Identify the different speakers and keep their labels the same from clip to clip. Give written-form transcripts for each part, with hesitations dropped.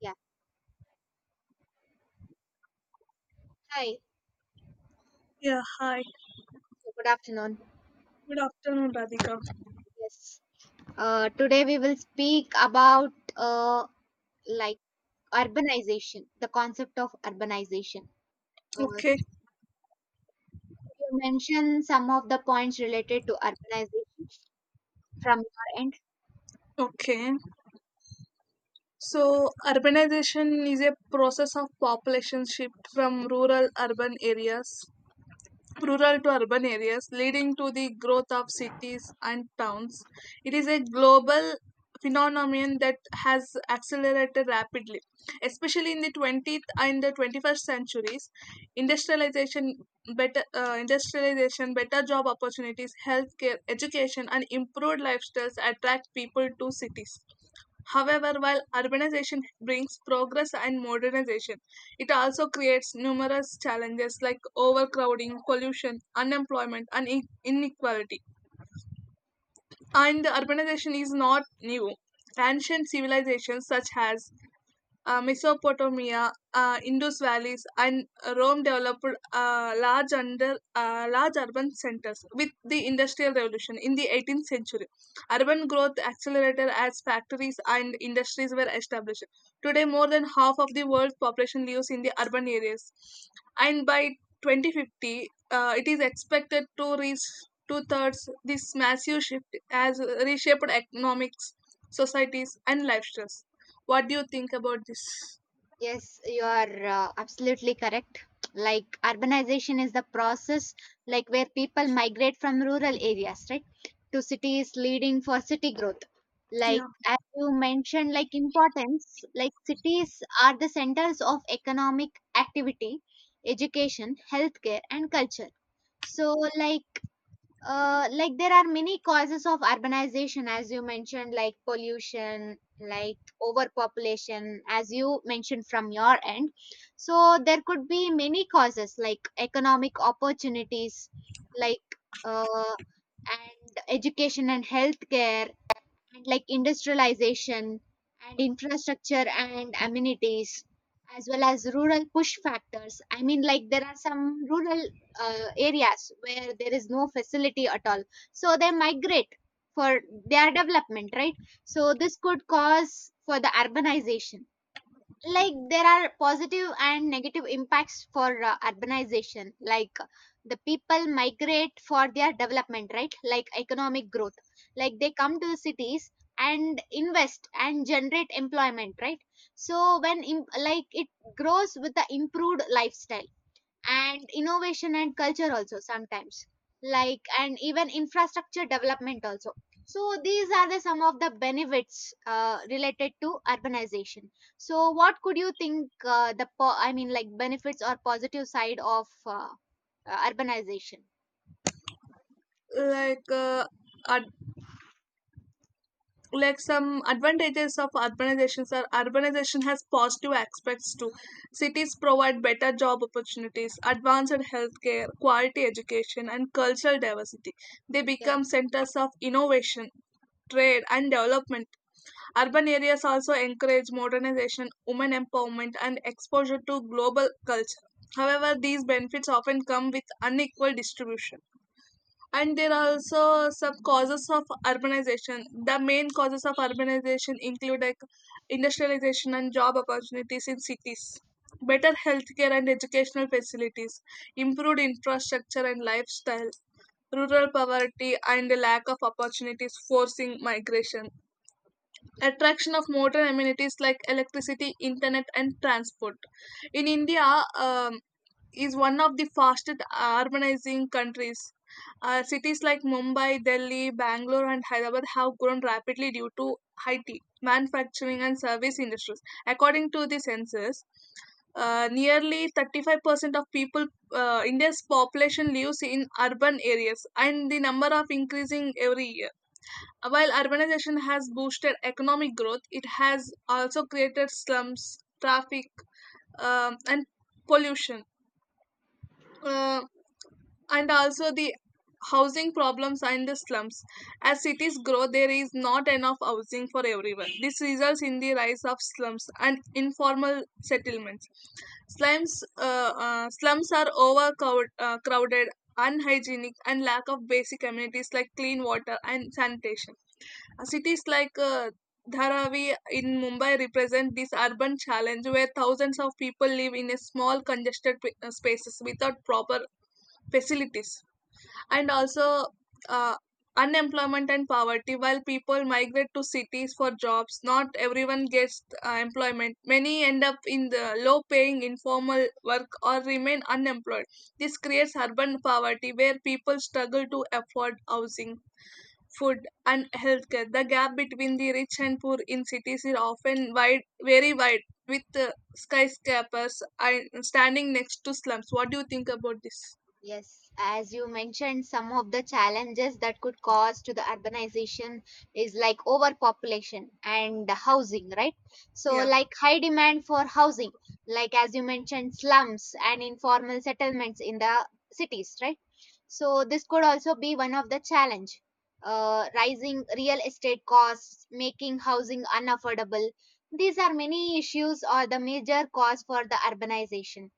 Speaker 1: Yeah. Hi.
Speaker 2: Yeah, hi.
Speaker 1: Good afternoon.
Speaker 2: Good afternoon, Radhika.
Speaker 1: Yes. Today we will speak about like urbanization, the concept of urbanization. Uh,
Speaker 2: Okay,
Speaker 1: you mention some of the points related to urbanization from your end?
Speaker 2: okay. So, urbanization is a process of population shift from rural to urban areas, leading to the growth of cities and towns. It is a global phenomenon that has accelerated rapidly, especially in the 20th and the 21st centuries. Industrialization, Industrialization, better job opportunities, healthcare, education, and improved lifestyles attract people to cities. However, while urbanization brings progress and modernization, it also creates numerous challenges like overcrowding, pollution, unemployment, and inequality. And urbanization is not new. Ancient civilizations such as Mesopotamia, Indus valleys, and Rome developed large urban centers with the Industrial Revolution in the 18th century. Urban growth accelerated as factories and industries were established. Today, more than half of the world's population lives in the urban areas, and by 2050, it is expected to reach two thirds. This massive shift has reshaped economics, societies, and lifestyles. What do you think about this?
Speaker 1: Yes, you are absolutely correct. Like urbanization is the process like where people migrate from rural areas, right, to cities leading for city growth.
Speaker 2: Yeah.
Speaker 1: Like as you mentioned, like importance, like cities are the centers of economic activity, education, healthcare, and culture. So there are many causes of urbanization as you mentioned, like pollution, like overpopulation as you mentioned from your end. So there could be many causes like economic opportunities, like uh, and education and healthcare, and like industrialization and infrastructure and amenities, as well as rural push factors. I mean, like there are some rural areas where there is no facility at all, so they migrate for their development, right? So this could cause for the urbanization. Like there are positive and negative impacts for urbanization. Like the people migrate for their development, right? Like economic growth, like they come to the cities and invest and generate employment, right? So like it grows with the improved lifestyle and innovation and culture also sometimes, like, and even infrastructure development also. So these are the some of the benefits related to urbanization. So what could you think, I mean like benefits or positive side of urbanization?
Speaker 2: Like, ad- like some advantages of urbanizations are urbanization has positive aspects too. Cities provide better job opportunities, advanced healthcare, quality education, and cultural diversity. They
Speaker 1: Yeah.
Speaker 2: become centers of innovation, trade and development. Urban areas also encourage modernization, women empowerment, and exposure to global culture. However, these benefits often come with unequal distribution. And there are also some causes of urbanization. The main causes of urbanization include like industrialization and job opportunities in cities, better healthcare and educational facilities, improved infrastructure and lifestyle, rural poverty and the lack of opportunities forcing migration, attraction of modern amenities like electricity, internet, and transport. In India, is one of the fastest urbanizing countries. Cities like Mumbai, Delhi, Bangalore, and Hyderabad have grown rapidly due to IT, manufacturing, and service industries. According to the census, nearly 35% of people, India's population lives in urban areas, and the number of increasing every year. While urbanization has boosted economic growth, it has also created slums, traffic, and pollution. Uh, and also the housing problems and the slums. As cities grow, there is not enough housing for everyone. This results in the rise of slums and informal settlements. slums Slums are overcrowded, unhygienic, and lack of basic amenities like clean water and sanitation. Cities like Dharavi in Mumbai represent this urban challenge, where thousands of people live in a small congested p- spaces without proper facilities. And also, uh, unemployment and poverty. While people migrate to cities for jobs, not everyone gets employment. Many end up in the low paying informal work or remain unemployed. This creates urban poverty, where people struggle to afford housing, food, and healthcare. The gap between the rich and poor in cities is often wide very wide, with skyscrapers and standing next to slums. What do you think about this?
Speaker 1: Yes, as you mentioned, some of the challenges that could cause to the urbanization is like overpopulation and housing, right? So,
Speaker 2: Yeah.
Speaker 1: like high demand for housing, like as you mentioned, slums and informal settlements in the cities, right? So, this could also be one of the challenge. Rising real estate costs, making housing unaffordable. These are many issues or the major cause for the urbanization.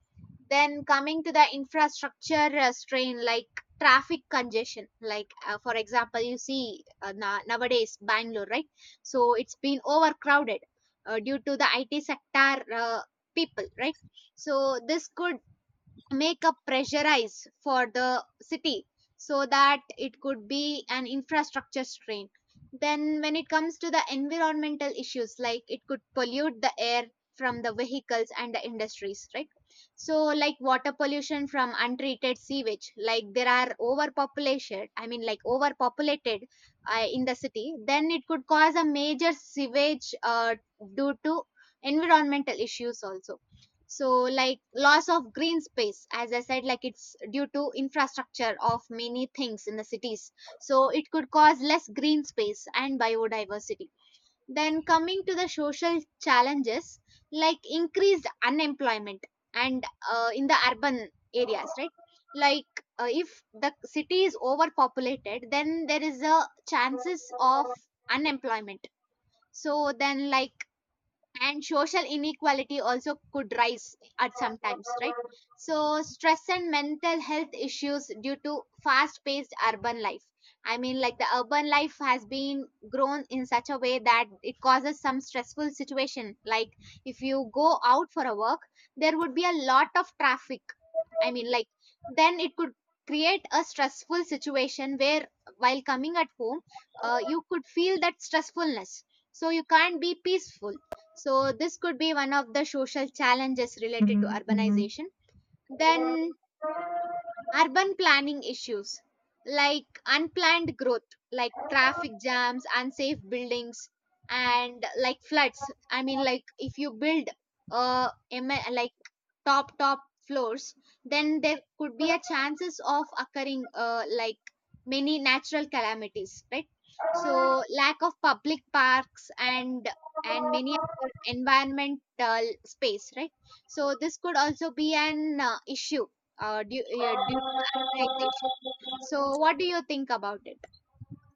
Speaker 1: Then coming to the infrastructure strain, like traffic congestion, like for example, you see nowadays Bangalore, right? So it's been overcrowded due to the IT sector people, right? So this could make a pressurize for the city, so that it could be an infrastructure strain. Then when it comes to the environmental issues, like it could pollute the air from the vehicles and the industries, right? So like water pollution from untreated sewage, like there are overpopulation, I mean like overpopulated in the city, then it could cause a major sewage due to environmental issues also. So like loss of green space, as I said, like it's due to infrastructure of many things in the cities, so it could cause less green space and biodiversity. Then coming to the social challenges, like increased unemployment and in the urban areas, right? Like if the city is overpopulated, then there is a chances of unemployment. So then, like, and social inequality also could rise at some times, right? So stress and mental health issues due to fast paced urban life. I mean, like the urban life has been grown in such a way that it causes some stressful situation, like if you go out for a work, there would be a lot of traffic. I mean, like then it could create a stressful situation where while coming at home, you could feel that stressfulness, so you can't be peaceful. So this could be one of the social challenges related to, mm-hmm, mm-hmm, urbanization. Then urban planning issues, like unplanned growth, like traffic jams, unsafe buildings and like floods. I mean, like if you build like top floors, then there could be a chances of occurring like many natural calamities, right? So lack of public parks and many other environmental space, right? So this could also be an issue yeah, due to the urbanization. So, what do you think about it?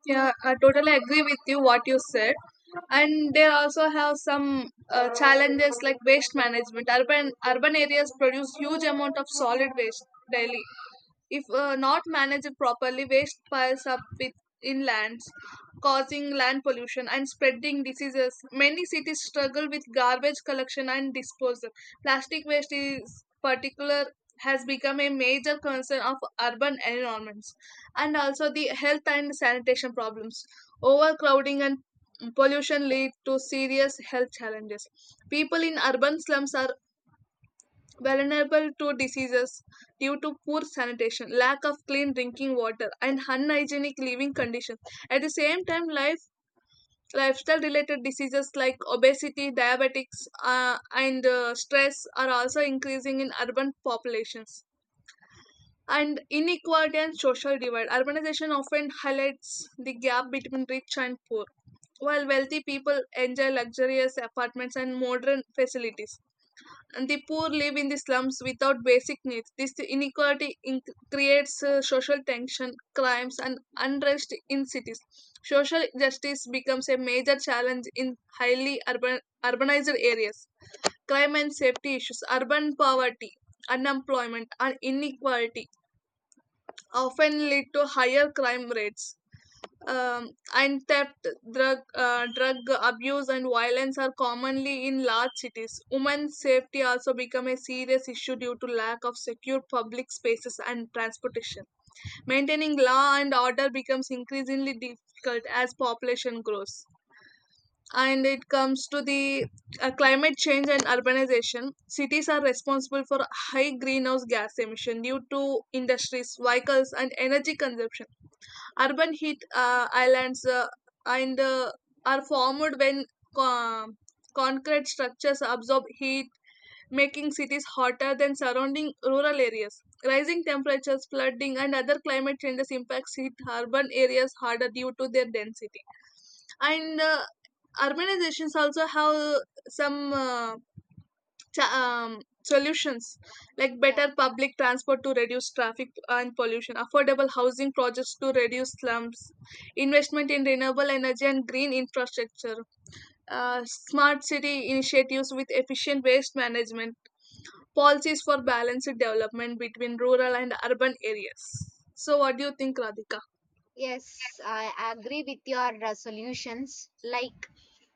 Speaker 2: Yeah, I totally agree with you what you said. And they also have some challenges like waste management. Urban areas produce huge amount of solid waste daily. If not managed properly, waste piles up with inlands, causing land pollution and spreading diseases. Many cities struggle with garbage collection and disposal. Plastic waste is particular, has become a major concern of urban environments. And also the health and sanitation problems. Overcrowding and pollution lead to serious health challenges. People in urban slums are vulnerable to diseases due to poor sanitation, lack of clean drinking water, and unhygienic living conditions. At the same time, lifestyle related diseases like obesity, diabetics, and stress are also increasing in urban populations. And inequality and social divide. Urbanization often highlights the gap between rich and poor. While wealthy people enjoy luxurious apartments and modern facilities, and the poor live in the slums without basic needs. This inequality creates social tension, crimes, and unrest in cities. Social justice becomes a major challenge in urbanized areas. Crime and safety issues, urban poverty, unemployment, and inequality often lead to higher crime rates, um, and theft, drug abuse, and violence are commonly in large cities. Women's safety also become a serious issue due to lack of secure public spaces and transportation. Maintaining law and order becomes increasingly difficult as population grows. And it comes to the climate change and urbanization. Cities are responsible for high greenhouse gas emission due to industries, vehicles, and energy consumption. Urban heat islands and are formed when co- concrete structures absorb heat, making cities hotter than surrounding rural areas. Rising temperatures, flooding, and other climate changes impacts hit urban areas harder due to their density. And urbanizations also have some. Solutions like
Speaker 1: Yeah.
Speaker 2: better public transport to reduce traffic and pollution, affordable housing projects to reduce slums, investment in renewable energy and green infrastructure, smart city initiatives with efficient waste management, policies for balanced development between rural and urban areas. So, what do you think, Radhika?
Speaker 1: Yes, I agree with your solutions. Like,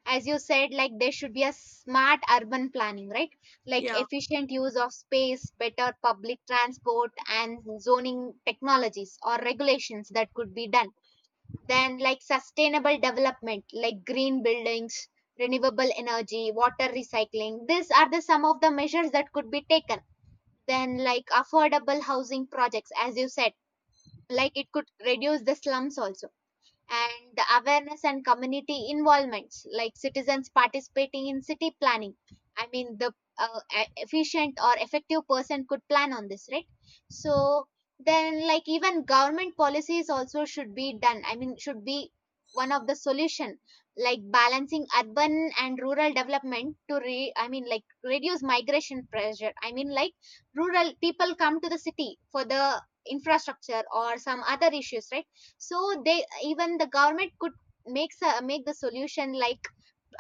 Speaker 1: as you said, like there should be a smart urban planning, right? Like
Speaker 2: Yeah,
Speaker 1: efficient use of space, better public transport, and zoning technologies or regulations that could be done. Then, like sustainable development, like green buildings, renewable energy, water recycling. These are the some of the measures that could be taken. Then like affordable housing projects, as you said, like it could reduce the slums also. And the awareness and community involvements, like citizens participating in city planning. I mean, the efficient or effective person could plan on this, right? So then like even government policies also should be done, I mean should be one of the solution, like balancing urban and rural development to re I mean like reduce migration pressure. I mean, like rural people come to the city for the infrastructure or some other issues, right? So they, even the government could make the solution, like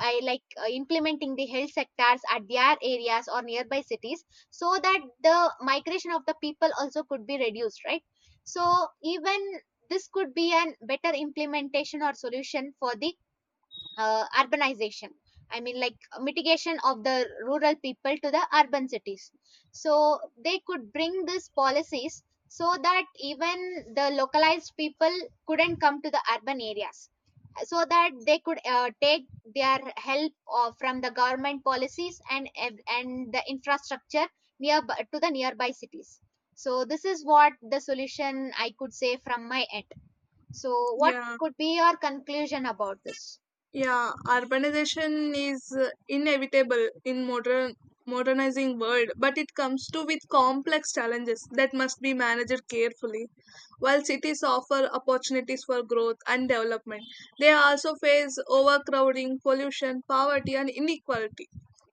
Speaker 1: I like implementing the health sectors at their areas or nearby cities, so that the migration of the people also could be reduced, right? So even this could be an better implementation or solution for the urbanization, I mean like mitigation of the rural people to the urban cities. So they could bring these policies, so that even the localized people couldn't come to the urban areas, so that they could take their help of, from the government policies and the infrastructure nearby, to the nearby cities. So this is what the solution I could say from my end. So what
Speaker 2: yeah.
Speaker 1: could be your conclusion about this?
Speaker 2: Yeah, urbanization is inevitable in modernizing world, but it comes to with complex challenges that must be managed carefully. While cities offer opportunities for growth and development, they also face overcrowding, pollution, poverty, and inequality.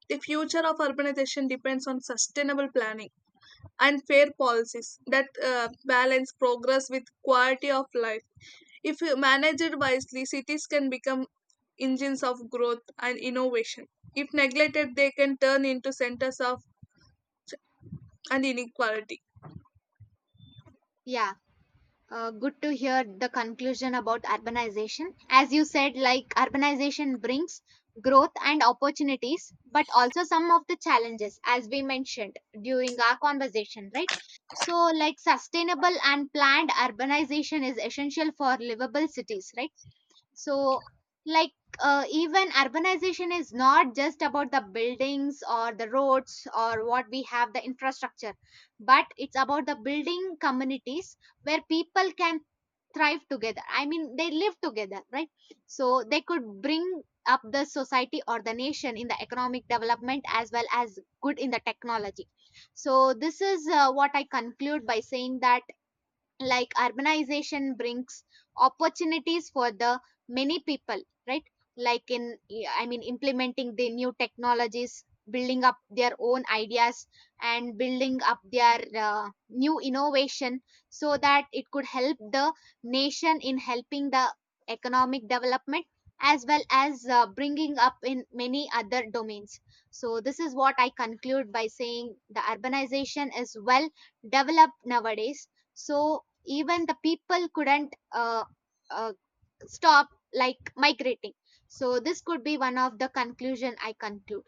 Speaker 2: The future of urbanization depends on sustainable planning and fair policies that balance progress with quality of life. If you manage wisely, cities can become engines of growth and innovation. If neglected, they can turn into centers of and inequality.
Speaker 1: Yeah. Good to hear the conclusion about urbanization. As you said, like urbanization brings growth and opportunities, but also some of the challenges, as we mentioned during our conversation, right? So, like sustainable and planned urbanization is essential for livable cities, right? So like, even urbanization is not just about the buildings or the roads or what we have, the infrastructure, but it's about the building communities where people can thrive together, I mean they live together, right? So they could bring up the society or the nation in the economic development as well as good in the technology. So this is what I conclude by saying that like urbanization brings opportunities for the many people, right? Like in, yeah, I mean implementing the new technologies, building up their own ideas, and building up their new innovation, so that it could help the nation in helping the economic development, as well as bringing up in many other domains. So this is what I conclude by saying the urbanization is well developed nowadays. So even the people couldn't uh, stop like migrating. So this could be one of the conclusion I conclude.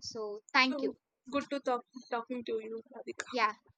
Speaker 1: So thank
Speaker 2: So
Speaker 1: you.
Speaker 2: good to talking to you, Radhika.
Speaker 1: Yeah.